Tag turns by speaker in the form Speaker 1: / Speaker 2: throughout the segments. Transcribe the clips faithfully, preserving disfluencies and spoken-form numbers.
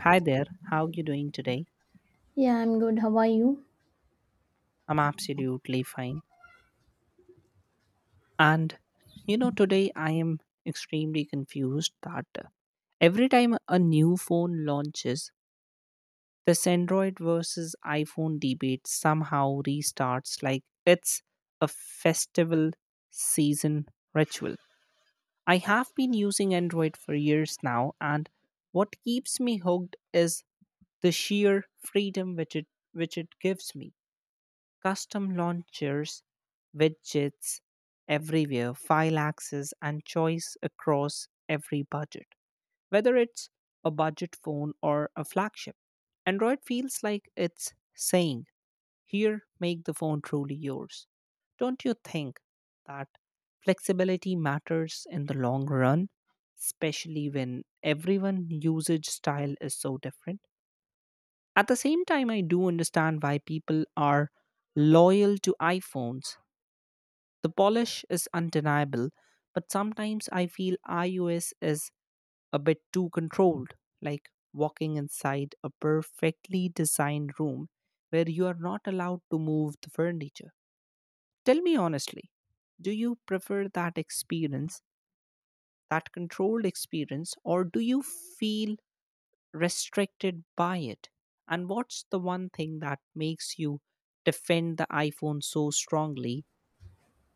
Speaker 1: Hi there, how are you doing today?
Speaker 2: Yeah, I'm good. How are you?
Speaker 1: I'm absolutely fine. And you know, Today I am extremely confused that uh, every time a new phone launches, this Android versus iPhone debate somehow restarts like it's a festival season ritual. I have been using Android for years now, and what keeps me hooked is the sheer freedom which it which it gives me. Custom launchers, widgets everywhere, file access, and choice across every budget, whether it's a budget phone or a flagship. Android feels like it's saying, "Here, make the phone truly yours." Don't you think that flexibility matters in the long run, especially when everyone' usage style is so different? At the same time, I do understand why people are loyal to iPhones. The polish is undeniable, but sometimes I feel iOS is a bit too controlled, like walking inside a perfectly designed room where you are not allowed to move the furniture. Tell me honestly, do you prefer that experience, that controlled experience, or do you feel restricted by it? And what's the one thing that makes you defend the iPhone so strongly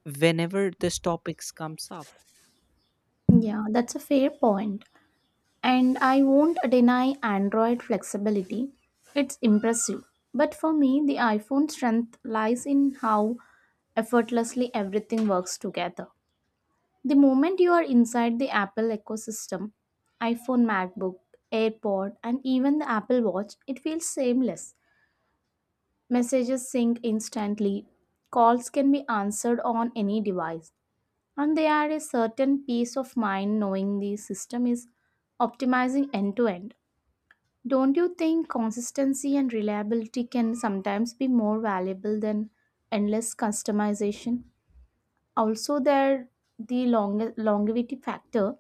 Speaker 1: whenever this topics comes up?
Speaker 2: Yeah, that's a fair point. And I won't deny Android flexibility. It's impressive. But for me, the iPhone strength lies in how effortlessly everything works together. The moment you are inside the Apple ecosystem, iPhone, MacBook, AirPod, and even the Apple Watch, it feels seamless. Messages sync instantly. Calls can be answered on any device. And they are a certain peace of mind knowing the system is optimizing end to end. Don't you think consistency and reliability can sometimes be more valuable than endless customization? Also, there the long- longevity factor.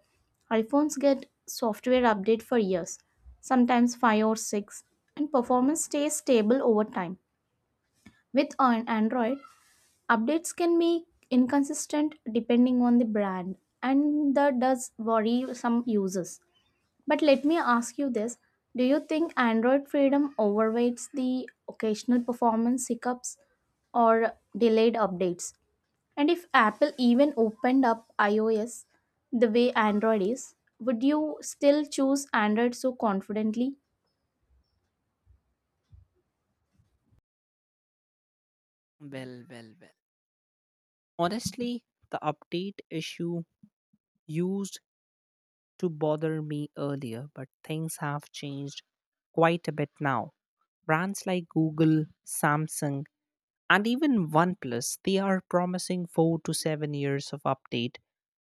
Speaker 2: iPhones get software update for years, sometimes five or six, and performance stays stable over time. With an Android, updates can be inconsistent depending on the brand, and that does worry some users. But let me ask you this. Do you think Android Freedom overweights the occasional performance hiccups or delayed updates? And if Apple even opened up iOS the way Android is, would you still choose Android so confidently?
Speaker 1: Well, well, well. Honestly, the update issue used to bother me earlier, but things have changed quite a bit now. Brands like Google, Samsung, and even OnePlus, they are promising four to seven years of update,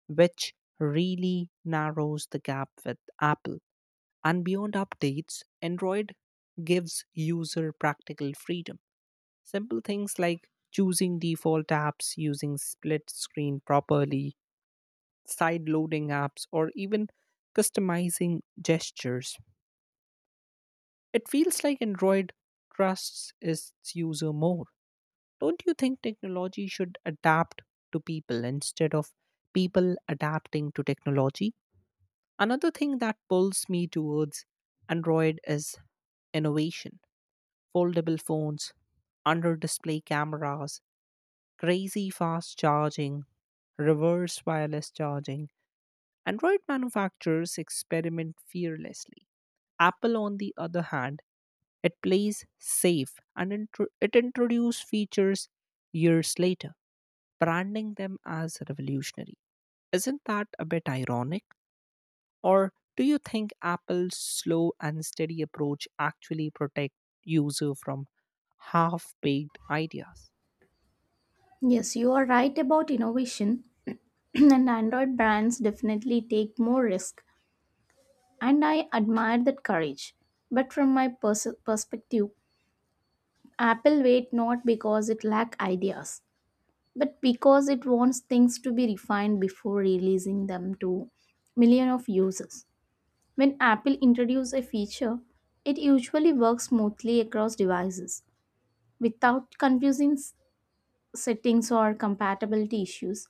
Speaker 1: which really narrows the gap with Apple. And beyond updates, Android gives user practical freedom. Simple things like choosing default apps, using split screen properly, side loading apps, or even customizing gestures. It feels like Android trusts its user more. Don't you think technology should adapt to people instead of people adapting to technology? Another thing that pulls me towards Android is innovation: foldable phones, under display cameras, crazy fast charging, reverse wireless charging. Android manufacturers experiment fearlessly. Apple, on the other hand, it plays safe and intro- it introduces features years later, branding them as revolutionary. Isn't that a bit ironic? Or do you think Apple's slow and steady approach actually protect user from half-baked ideas?
Speaker 2: Yes, you are right about innovation, and Android brands definitely take more risk, and I admire that courage. But from my pers- perspective, Apple wait not because it lack ideas, but because it wants things to be refined before releasing them to million of users. When Apple introduces a feature, it usually works smoothly across devices without confusing s- settings or compatibility issues.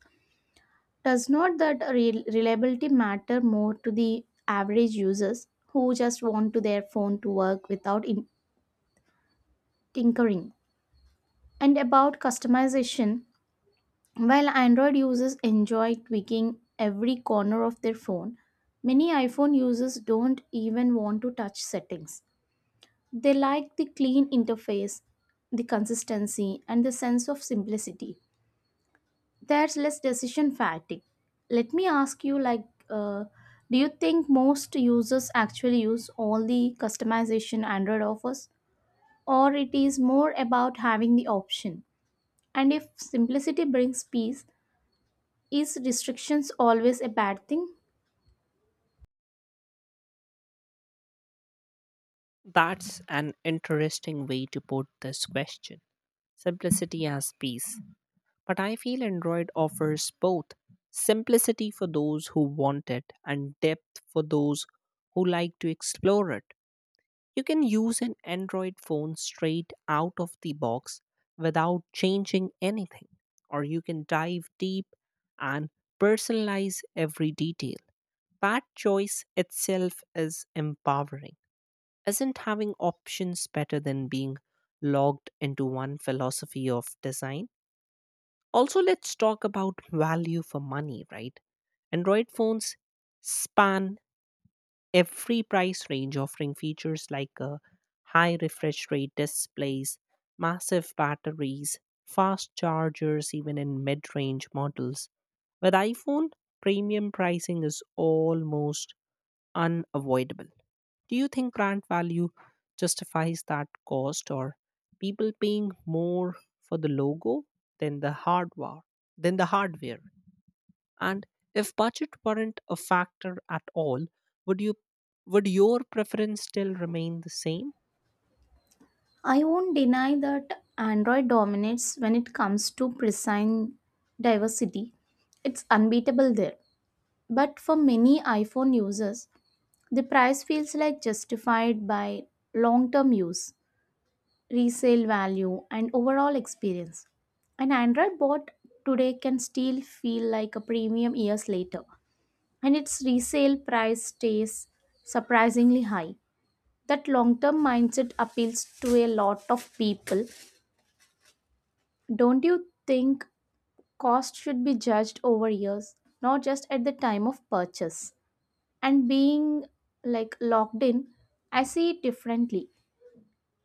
Speaker 2: Does not that rel- reliability matter more to the average users who just want to their phone to work without in- tinkering, and about customization. While Android users enjoy tweaking every corner of their phone, many iPhone users don't even want to touch settings. They like the clean interface, the consistency, and the sense of simplicity. There's less decision fatigue. Let me ask you like, uh, do you think most users actually use all the customization Android offers? Or it is more about having the option? And if simplicity brings peace, is restrictions always a bad thing?
Speaker 1: That's an interesting way to put this question. Simplicity as peace. But I feel Android offers both: simplicity for those who want it and depth for those who like to explore it. You can use an Android phone straight out of the box without changing anything, or you can dive deep and personalize every detail. That choice itself is empowering. Isn't having options better than being logged into one philosophy of design? Also, let's talk about value for money, right? Android phones span every price range, offering features like a high refresh rate displays, massive batteries, fast chargers, even in mid range models. With iPhone, premium pricing is almost unavoidable. Do you think brand value justifies that cost, or people paying more for the logo than the hardware? Than the hardware? And if budget weren't a factor at all, would you would your preference still remain the same?
Speaker 2: I won't deny that Android dominates when it comes to precise diversity. It's unbeatable there. But for many iPhone users, the price feels like justified by long term use, resale value, and overall experience. An Android bot today can still feel like a premium years later, and its resale price stays surprisingly high. That long term mindset appeals to a lot of people. Don't you think cost should be judged over years, not just at the time of purchase? And being like locked in, I see it differently.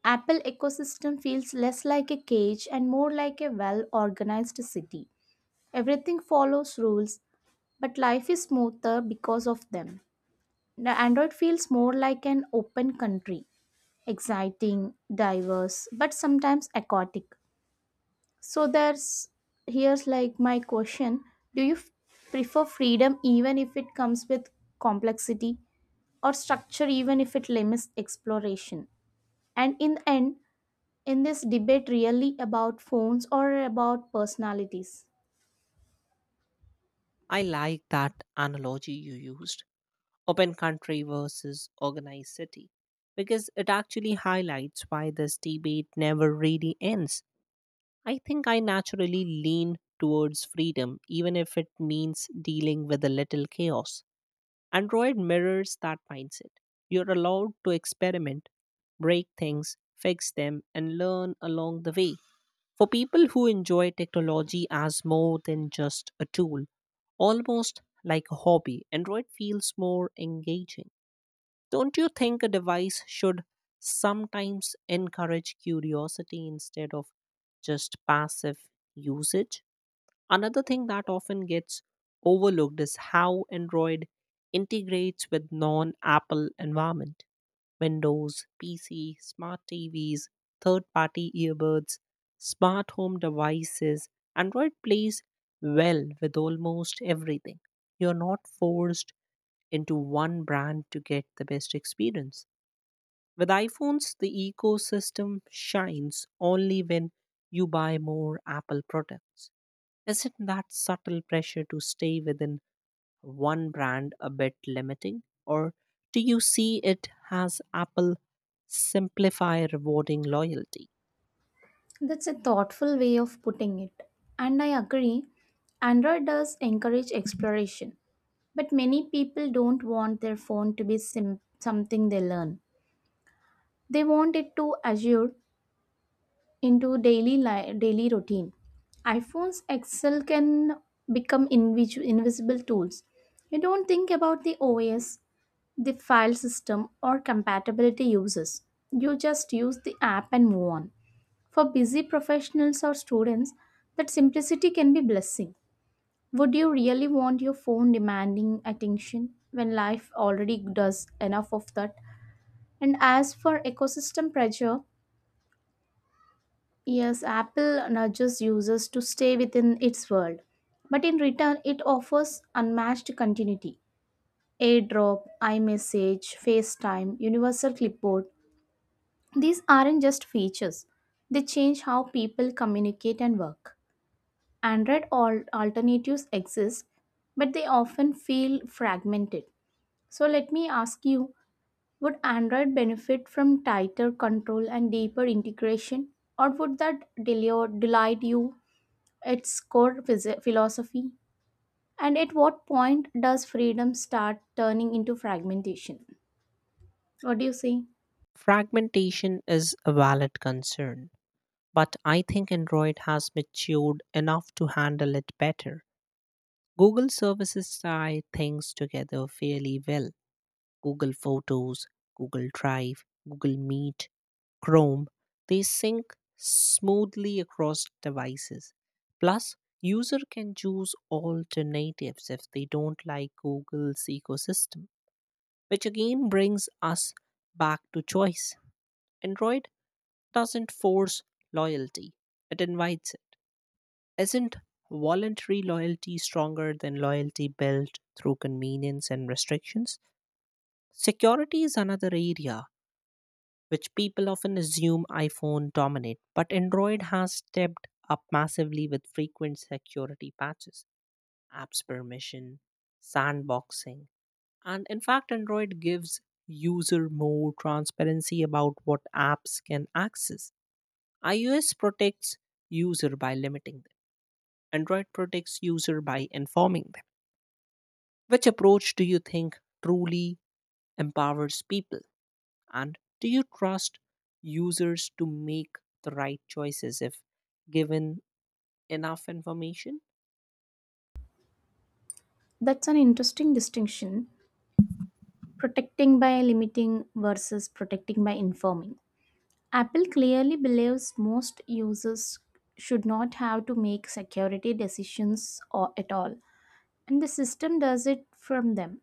Speaker 2: Apple ecosystem feels less like a cage and more like a well organized city. Everything follows rules, but life is smoother because of them. The Android feels more like an open country, exciting, diverse, but sometimes aquatic. So there's here's like my question, do you f- prefer freedom even if it comes with complexity, or structure even if it limits exploration? And in the end, in this debate really about phones or about personalities?
Speaker 1: I like that analogy you used, open country versus organized city, because it actually highlights why this debate never really ends. I think I naturally lean towards freedom, even if it means dealing with a little chaos. Android mirrors that mindset. You're allowed to experiment, break things, fix them, and learn along the way. For people who enjoy technology as more than just a tool, almost like a hobby, Android feels more engaging. Don't you think a device should sometimes encourage curiosity instead of just passive usage? Another thing that often gets overlooked is how Android integrates with non Apple environment. Windows, P C, smart T Vs, third party earbuds, smart home devices. Android plays well with almost everything. You're not forced into one brand to get the best experience. With iPhones, the ecosystem shines only when you buy more Apple products. Isn't that subtle pressure to stay within one brand a bit limiting? Or do you see it as Apple simplify rewarding loyalty?
Speaker 2: That's a thoughtful way of putting it. And I agree, Android does encourage exploration, but many people don't want their phone to be sim- something they learn. They want it to assure into daily li- daily routine. iPhones Excel can become invis- invisible tools. You don't think about the O S, the file system, or compatibility uses. You just use the app and move on. For busy professionals or students, that simplicity can be blessing. Would you really want your phone demanding attention when life already does enough of that? And as for ecosystem pressure, yes, Apple nudges users to stay within its world, but in return, it offers unmatched continuity. AirDrop, iMessage, FaceTime, Universal Clipboard. These aren't just features, they change how people communicate and work. Android al- alternatives exist, but they often feel fragmented. So let me ask you, would Android benefit from tighter control and deeper integration, or would that delay delight you its core phys- philosophy? And at what point does freedom start turning into fragmentation? What do you say?
Speaker 1: Fragmentation is a valid concern, but I think Android has matured enough to handle it better. Google services tie things together fairly well: Google Photos, Google Drive, Google Meet, Chrome, they sync smoothly across devices. Plus, user can choose alternatives if they don't like Google's ecosystem, which again brings us back to choice. Android doesn't force loyalty, it invites it. Isn't voluntary loyalty stronger than loyalty built through convenience and restrictions? Security is another area which people often assume iPhone dominate, but Android has stepped up massively with frequent security patches, apps permission, sandboxing, and in fact, Android gives user more transparency about what apps can access. iOS protects user by limiting them. Android protects user by informing them. Which approach do you think truly empowers people? And do you trust users to make the right choices if given enough information?
Speaker 2: That's an interesting distinction. Protecting by limiting versus protecting by informing. Apple clearly believes most users should not have to make security decisions or at all, and the system does it from them.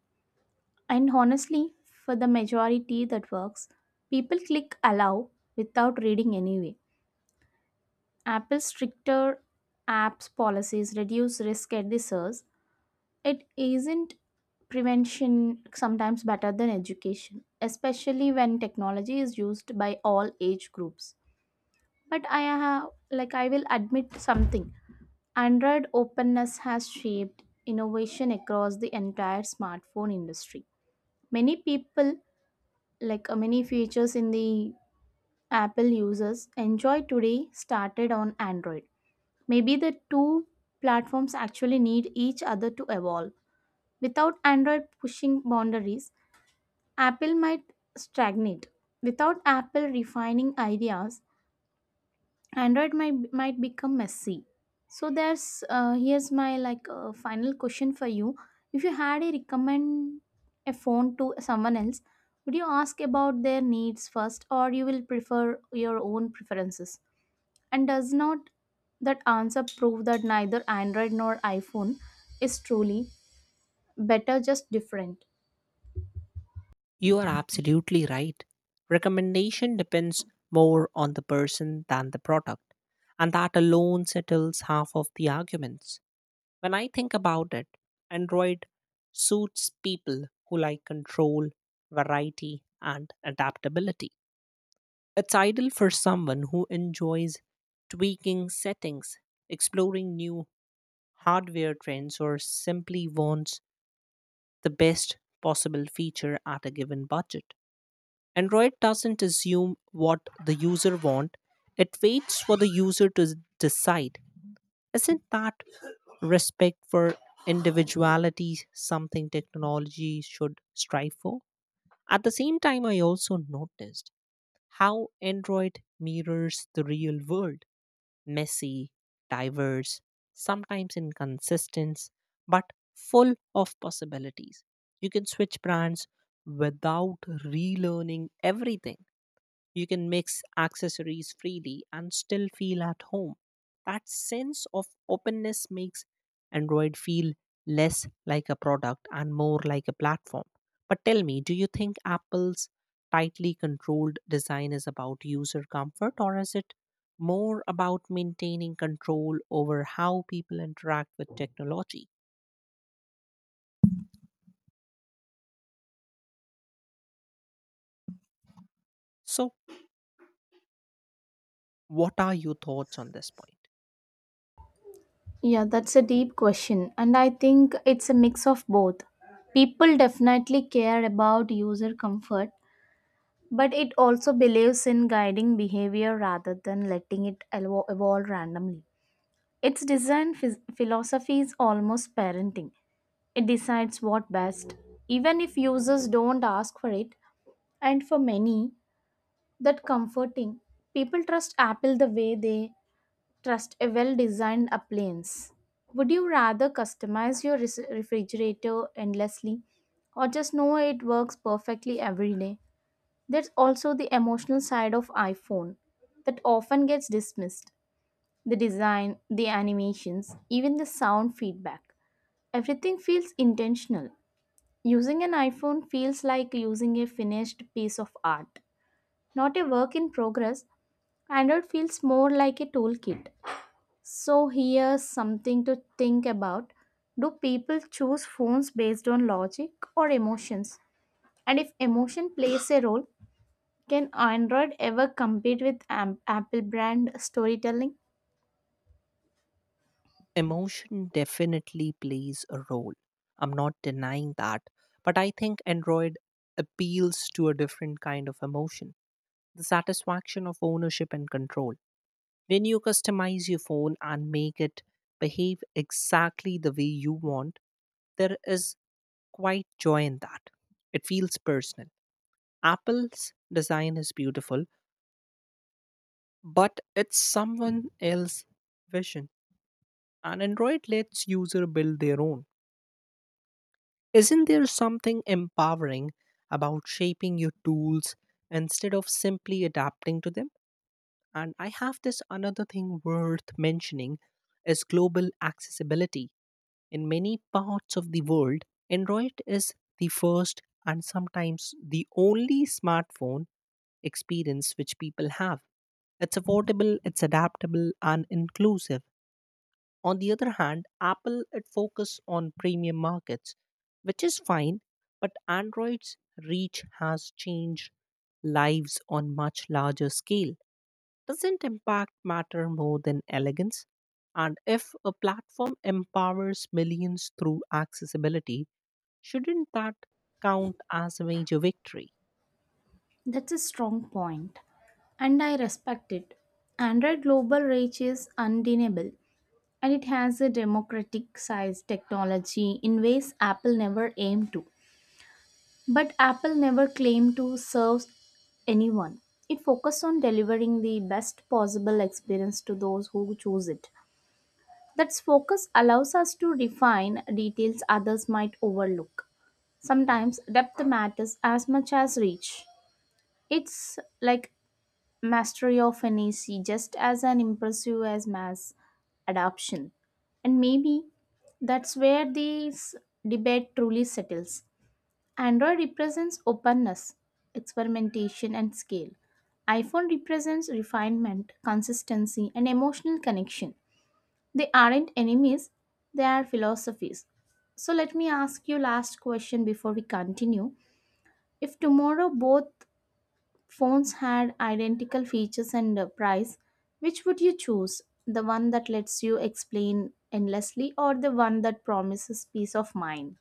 Speaker 2: And honestly, for the majority that works, people click allow without reading anyway. Apple's stricter apps policies reduce risk at the source. It isn't prevention sometimes better than education, especially when technology is used by all age groups. But I have like I will admit something. Android openness has shaped innovation across the entire smartphone industry. Many people, like uh, many features in the Apple users, enjoy today started on Android. Maybe the two platforms actually need each other to evolve. Without Android pushing boundaries, Apple might stagnate. Without Apple refining ideas, android might might become messy. So there's uh, here's my like uh, final question for you. If you had a recommend a phone to someone else, would you ask about their needs first, or you will prefer your own preferences? And does not that answer prove that neither android nor iphone is truly better, just different?
Speaker 1: You are absolutely right. Recommendation depends more on the person than the product, and that alone settles half of the arguments. When I think about it, Android suits people who like control, variety, and adaptability. It's ideal for someone who enjoys tweaking settings, exploring new hardware trends, or simply wants the best possible feature at a given budget. Android doesn't assume what the user wants, it waits for the user to s- decide. Isn't that respect for individuality something technology should strive for? At the same time, I also noticed how Android mirrors the real world: messy, diverse, sometimes inconsistent, but full of possibilities. You can switch brands without relearning everything. You can mix accessories freely and still feel at home. That sense of openness makes Android feel less like a product and more like a platform. But tell me, do you think Apple's tightly controlled design is about user comfort, or is it more about maintaining control over how people interact with technology? So, what are your thoughts on this point?
Speaker 2: Yeah, that's a deep question, and I think it's a mix of both. People definitely care about user comfort, but it also believes in guiding behavior rather than letting it elvo- evolve randomly. Its design phys- philosophy is almost parenting. It decides what best, even if users don't ask for it. And for many, that comforting. People trust Apple the way they trust a well-designed appliance. Would you rather customize your res- refrigerator endlessly, or just know it works perfectly every day? There's also the emotional side of iPhone that often gets dismissed. The design, the animations, even the sound feedback. Everything feels intentional. Using an iPhone feels like using a finished piece of art, not a work in progress. Android feels more like a toolkit. So, here's something to think about. Do people choose phones based on logic or emotions? And if emotion plays a role, can Android ever compete with Am- Apple brand storytelling?
Speaker 1: Emotion definitely plays a role. I'm not denying that. But I think Android appeals to a different kind of emotion: the satisfaction of ownership and control. When you customize your phone and make it behave exactly the way you want, there is quite joy in that. It feels personal. Apple's design is beautiful, but it's someone else's vision. And Android lets user build their own. Isn't there something empowering about shaping your tools instead of simply adapting to them? And I have this another thing worth mentioning is global accessibility. In many parts of the world, Android is the first and sometimes the only smartphone experience which people have. It's affordable, it's adaptable and inclusive. On the other hand, Apple it focus on premium markets, which is fine, but Android's reach has changed lives on much larger scale. Doesn't impact matter more than elegance? And if a platform empowers millions through accessibility, shouldn't that count as a major victory?
Speaker 2: That's a strong point, and I respect it. Android global reach is undeniable, and it has a democratic sized technology in ways Apple never aimed to. But Apple never claimed to serve anyone. It focused on delivering the best possible experience to those who choose it. That focus allows us to refine details others might overlook. Sometimes depth matters as much as reach. It's like mastery of an E C just as an impressive as mass adoption. And maybe that's where this debate truly settles. Android represents openness, experimentation, and scale. iPhone represents refinement, consistency, and emotional connection. They aren't enemies, they are philosophies. So let me ask you last question before we continue. If tomorrow both phones had identical features and a price, which would you choose? The one that lets you explain endlessly, or the one that promises peace of mind?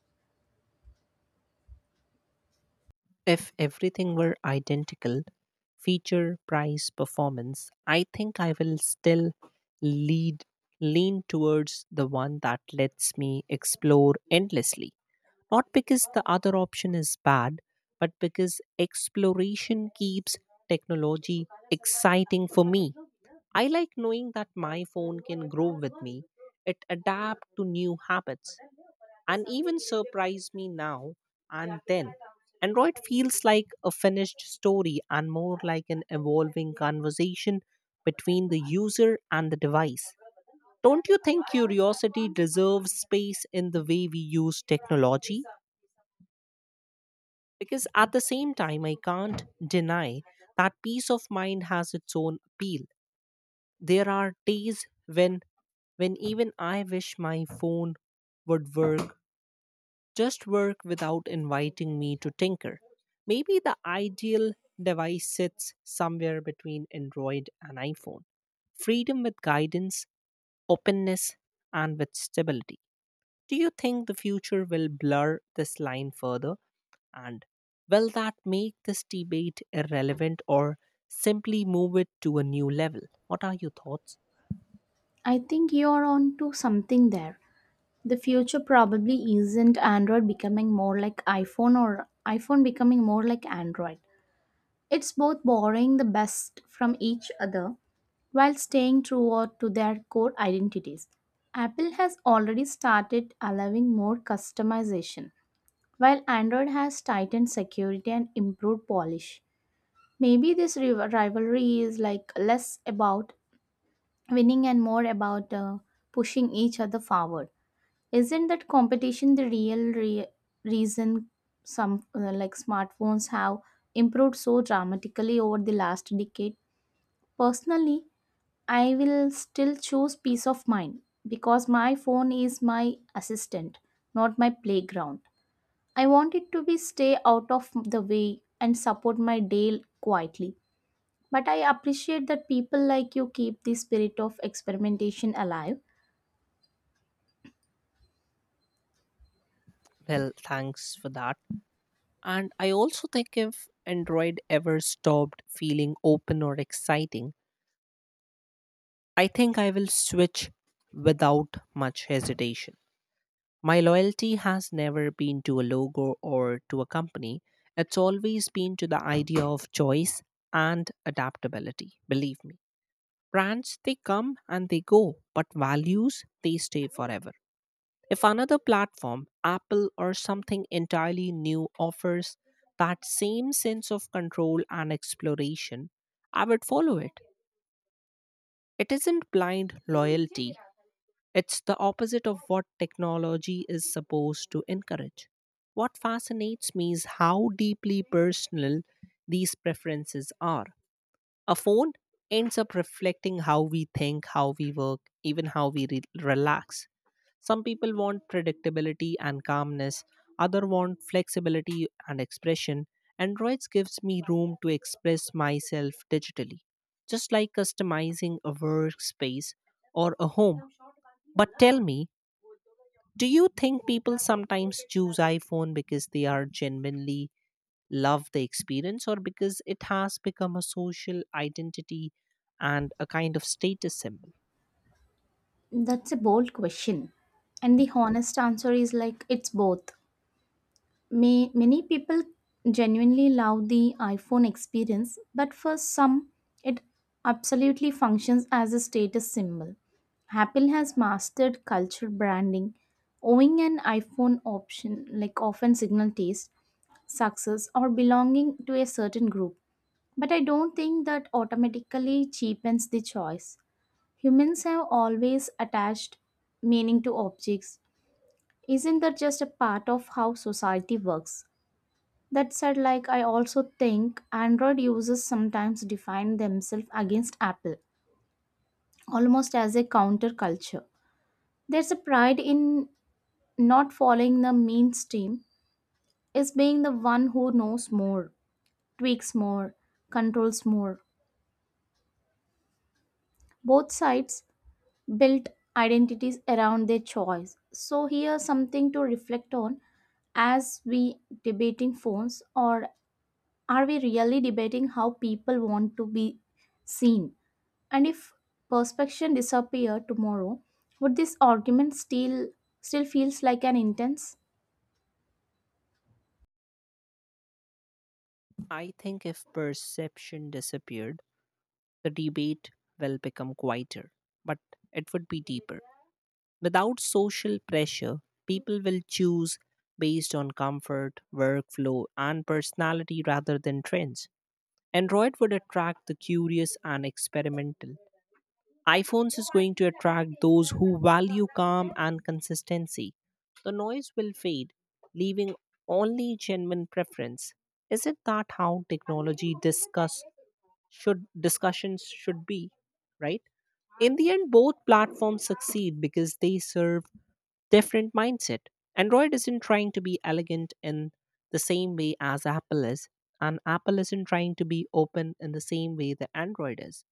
Speaker 1: If everything were identical, feature, price, performance, I think I will still lead lean towards the one that lets me explore endlessly. Not because the other option is bad, but because exploration keeps technology exciting for me. I like knowing that my phone can grow with me, it adapt to new habits, and even surprise me now and then. Android feels like a finished story and more like an evolving conversation between the user and the device. Don't you think curiosity deserves space in the way we use technology? Because at the same time, I can't deny that peace of mind has its own appeal. There are days when when even I wish my phone would work, just work without inviting me to tinker. Maybe the ideal device sits somewhere between Android and iPhone. Freedom with guidance, openness, and with stability. Do you think the future will blur this line further? And will that make this debate irrelevant, or simply move it to a new level? What are your thoughts?
Speaker 2: I think you're on to something there. The future probably isn't Android becoming more like iPhone or iPhone becoming more like Android. It's both borrowing the best from each other while staying true to their core identities. Apple has already started allowing more customization, while Android has tightened security and improved polish. Maybe this riv- rivalry is like less about winning and more about uh, pushing each other forward. Isn't that competition the real re- reason some uh, like smartphones have improved so dramatically over the last decade? Personally, I will still choose peace of mind because my phone is my assistant, not my playground. I want it to be stay out of the way and support my day quietly. But I appreciate that people like you keep the spirit of experimentation alive.
Speaker 1: Well, thanks for that. And I also think if Android ever stopped feeling open or exciting, I think I will switch without much hesitation. My loyalty has never been to a logo or to a company. It's always been to the idea of choice and adaptability, believe me. Brands, they come and they go, but values, they stay forever. If another platform, Apple or something entirely new, offers that same sense of control and exploration, I would follow it. It isn't blind loyalty, it's the opposite of what technology is supposed to encourage. What fascinates me is how deeply personal these preferences are. A phone ends up reflecting how we think, how we work, even how we re- relax. Some people want predictability and calmness, others want flexibility and expression. Androids gives me room to express myself digitally, just like customizing a workspace or a home. But tell me, do you think people sometimes choose iPhone because they are genuinely love the experience, or because it has become a social identity and a kind of status symbol?
Speaker 2: That's a bold question. And the honest answer is like it's both. May, many people genuinely love the iPhone experience, but for some, it absolutely functions as a status symbol. Apple has mastered culture branding, owing an iPhone option like often signal taste, success, or belonging to a certain group. But I don't think that automatically cheapens the choice. Humans have always attached meaning to objects. Isn't that just a part of how society works? That said, like I also think Android users sometimes define themselves against Apple, almost as a counterculture. There's a pride in not following the mainstream, is being the one who knows more, tweaks more, controls more. Both sides built identities around their choice. So here, something to reflect on, as we debating phones, or are we really debating how people want to be seen? And if perspection disappear tomorrow, would this argument still still feels like an intense?
Speaker 1: I think if perception disappeared, the debate will become quieter, but it would be deeper. Without social pressure, people will choose based on comfort, workflow, and personality rather than trends. Android would attract the curious and experimental, iPhones is going to attract those who value calm and consistency. The noise will fade, leaving only genuine preference. Is it that how technology discuss should discussions should be, right? In the end, both platforms succeed because they serve different mindset. Android isn't trying to be elegant in the same way as Apple is, and Apple isn't trying to be open in the same way that Android is.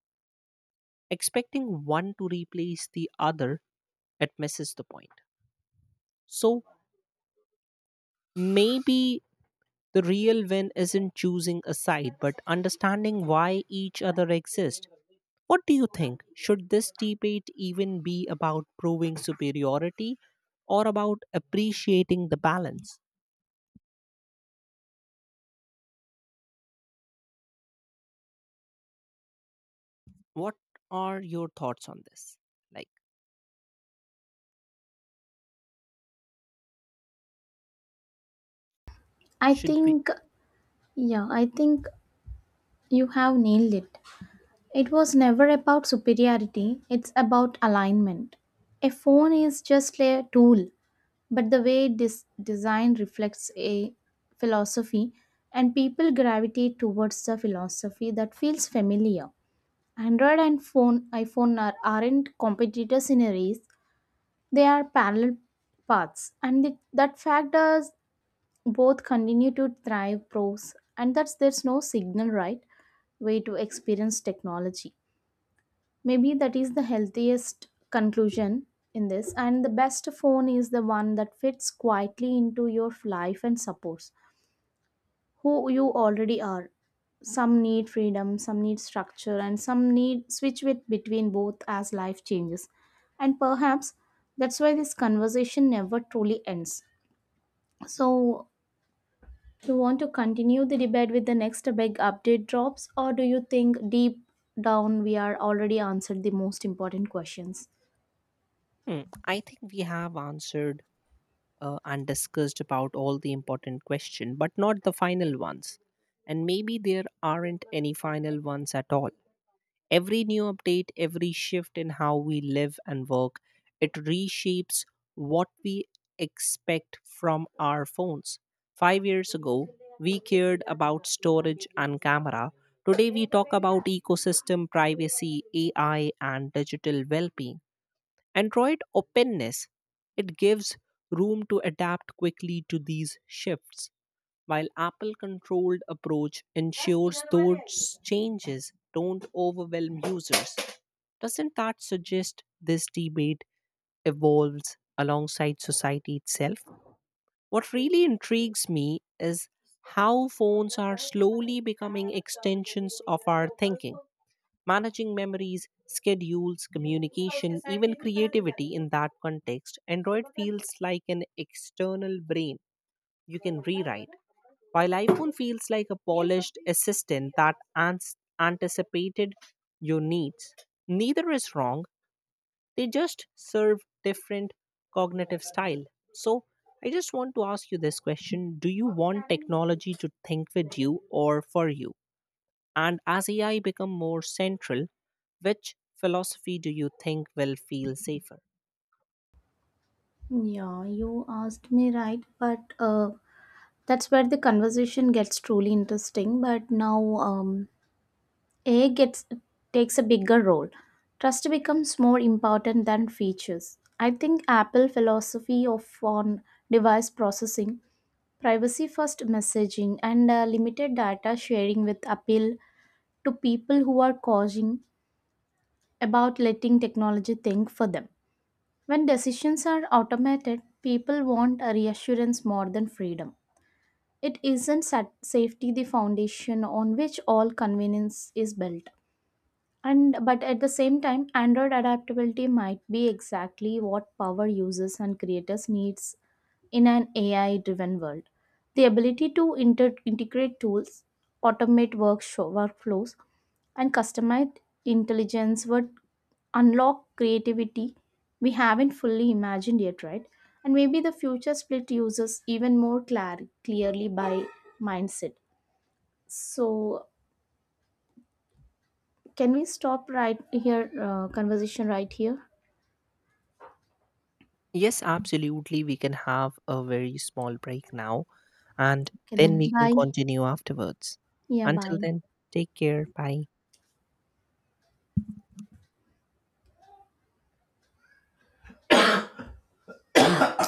Speaker 1: Expecting one to replace the other, it misses the point. So maybe the real win isn't choosing a side, but understanding why each other exists. What do you think? Should this debate even be about proving superiority, or about appreciating the balance? What are your thoughts on this? Like,
Speaker 2: I
Speaker 1: should we?
Speaker 2: think yeah, I think you have nailed it. It was never about superiority, it's about alignment. A phone is just a tool, but the way this design reflects a philosophy, and people gravitate towards the philosophy that feels familiar. Android and phone iphone are, aren't competitors in a race, they are parallel paths, and it, that fact does both continue to thrive pros, and that's there's no signal right way to experience technology. Maybe that is the healthiest conclusion in this. And the best phone is the one that fits quietly into your life and supports who you already are. Some need freedom, some need structure, and some need switch with between both as life changes. And perhaps that's why this conversation never truly ends. So, do you want to continue the debate with the next big update drops, or do you think deep down we are already answered the most important questions?
Speaker 1: Hmm, I think we have answered uh, and discussed about all the important question, but not the final ones, and maybe there aren't any final ones at all. Every new update, every shift in how we live and work, it reshapes what we expect from our phones. five years ago, we cared about storage and camera. Today we talk about ecosystem, privacy, ai, and digital well-being. Android openness, it gives room to adapt quickly to these shifts, while Apple controlled approach ensures those changes don't overwhelm users. Doesn't that suggest this debate evolves alongside society itself? What really intrigues me is how phones are slowly becoming extensions of our thinking. Managing memories, schedules, communication, even creativity in that context, Android feels like an external brain you can rewrite, while iPhone feels like a polished assistant that ans- anticipated your needs. Neither is wrong, they just serve different cognitive style. So, I just want to ask you this question: do you want technology to think with you or for you? And as A I become more central, which philosophy do you think will feel safer?
Speaker 2: Yeah, you asked me right, but uh, that's where the conversation gets truly interesting. But now, um, A I gets takes a bigger role. Trust becomes more important than features. I think Apple philosophy of on device processing, privacy first messaging, and uh, limited data sharing with appeal to people who are causing about letting technology think for them. When decisions are automated, people want a reassurance more than freedom. It isn't sat- safety the foundation on which all convenience is built. And but at the same time android adaptability might be exactly what power users and creators needs in an A I driven world, the ability to inter- integrate tools, automate work workflows, and customize intelligence would unlock creativity we haven't fully imagined yet, right? And maybe the future split users even more clar- clearly by mindset. So, can we stop right here, uh, conversation right here?
Speaker 1: Yes, absolutely. We can have a very small break now and
Speaker 2: Okay,
Speaker 1: then
Speaker 2: then.
Speaker 1: we can
Speaker 2: Bye.
Speaker 1: continue afterwards.
Speaker 2: Yeah,
Speaker 1: Until
Speaker 2: bye.
Speaker 1: then, take care. Bye.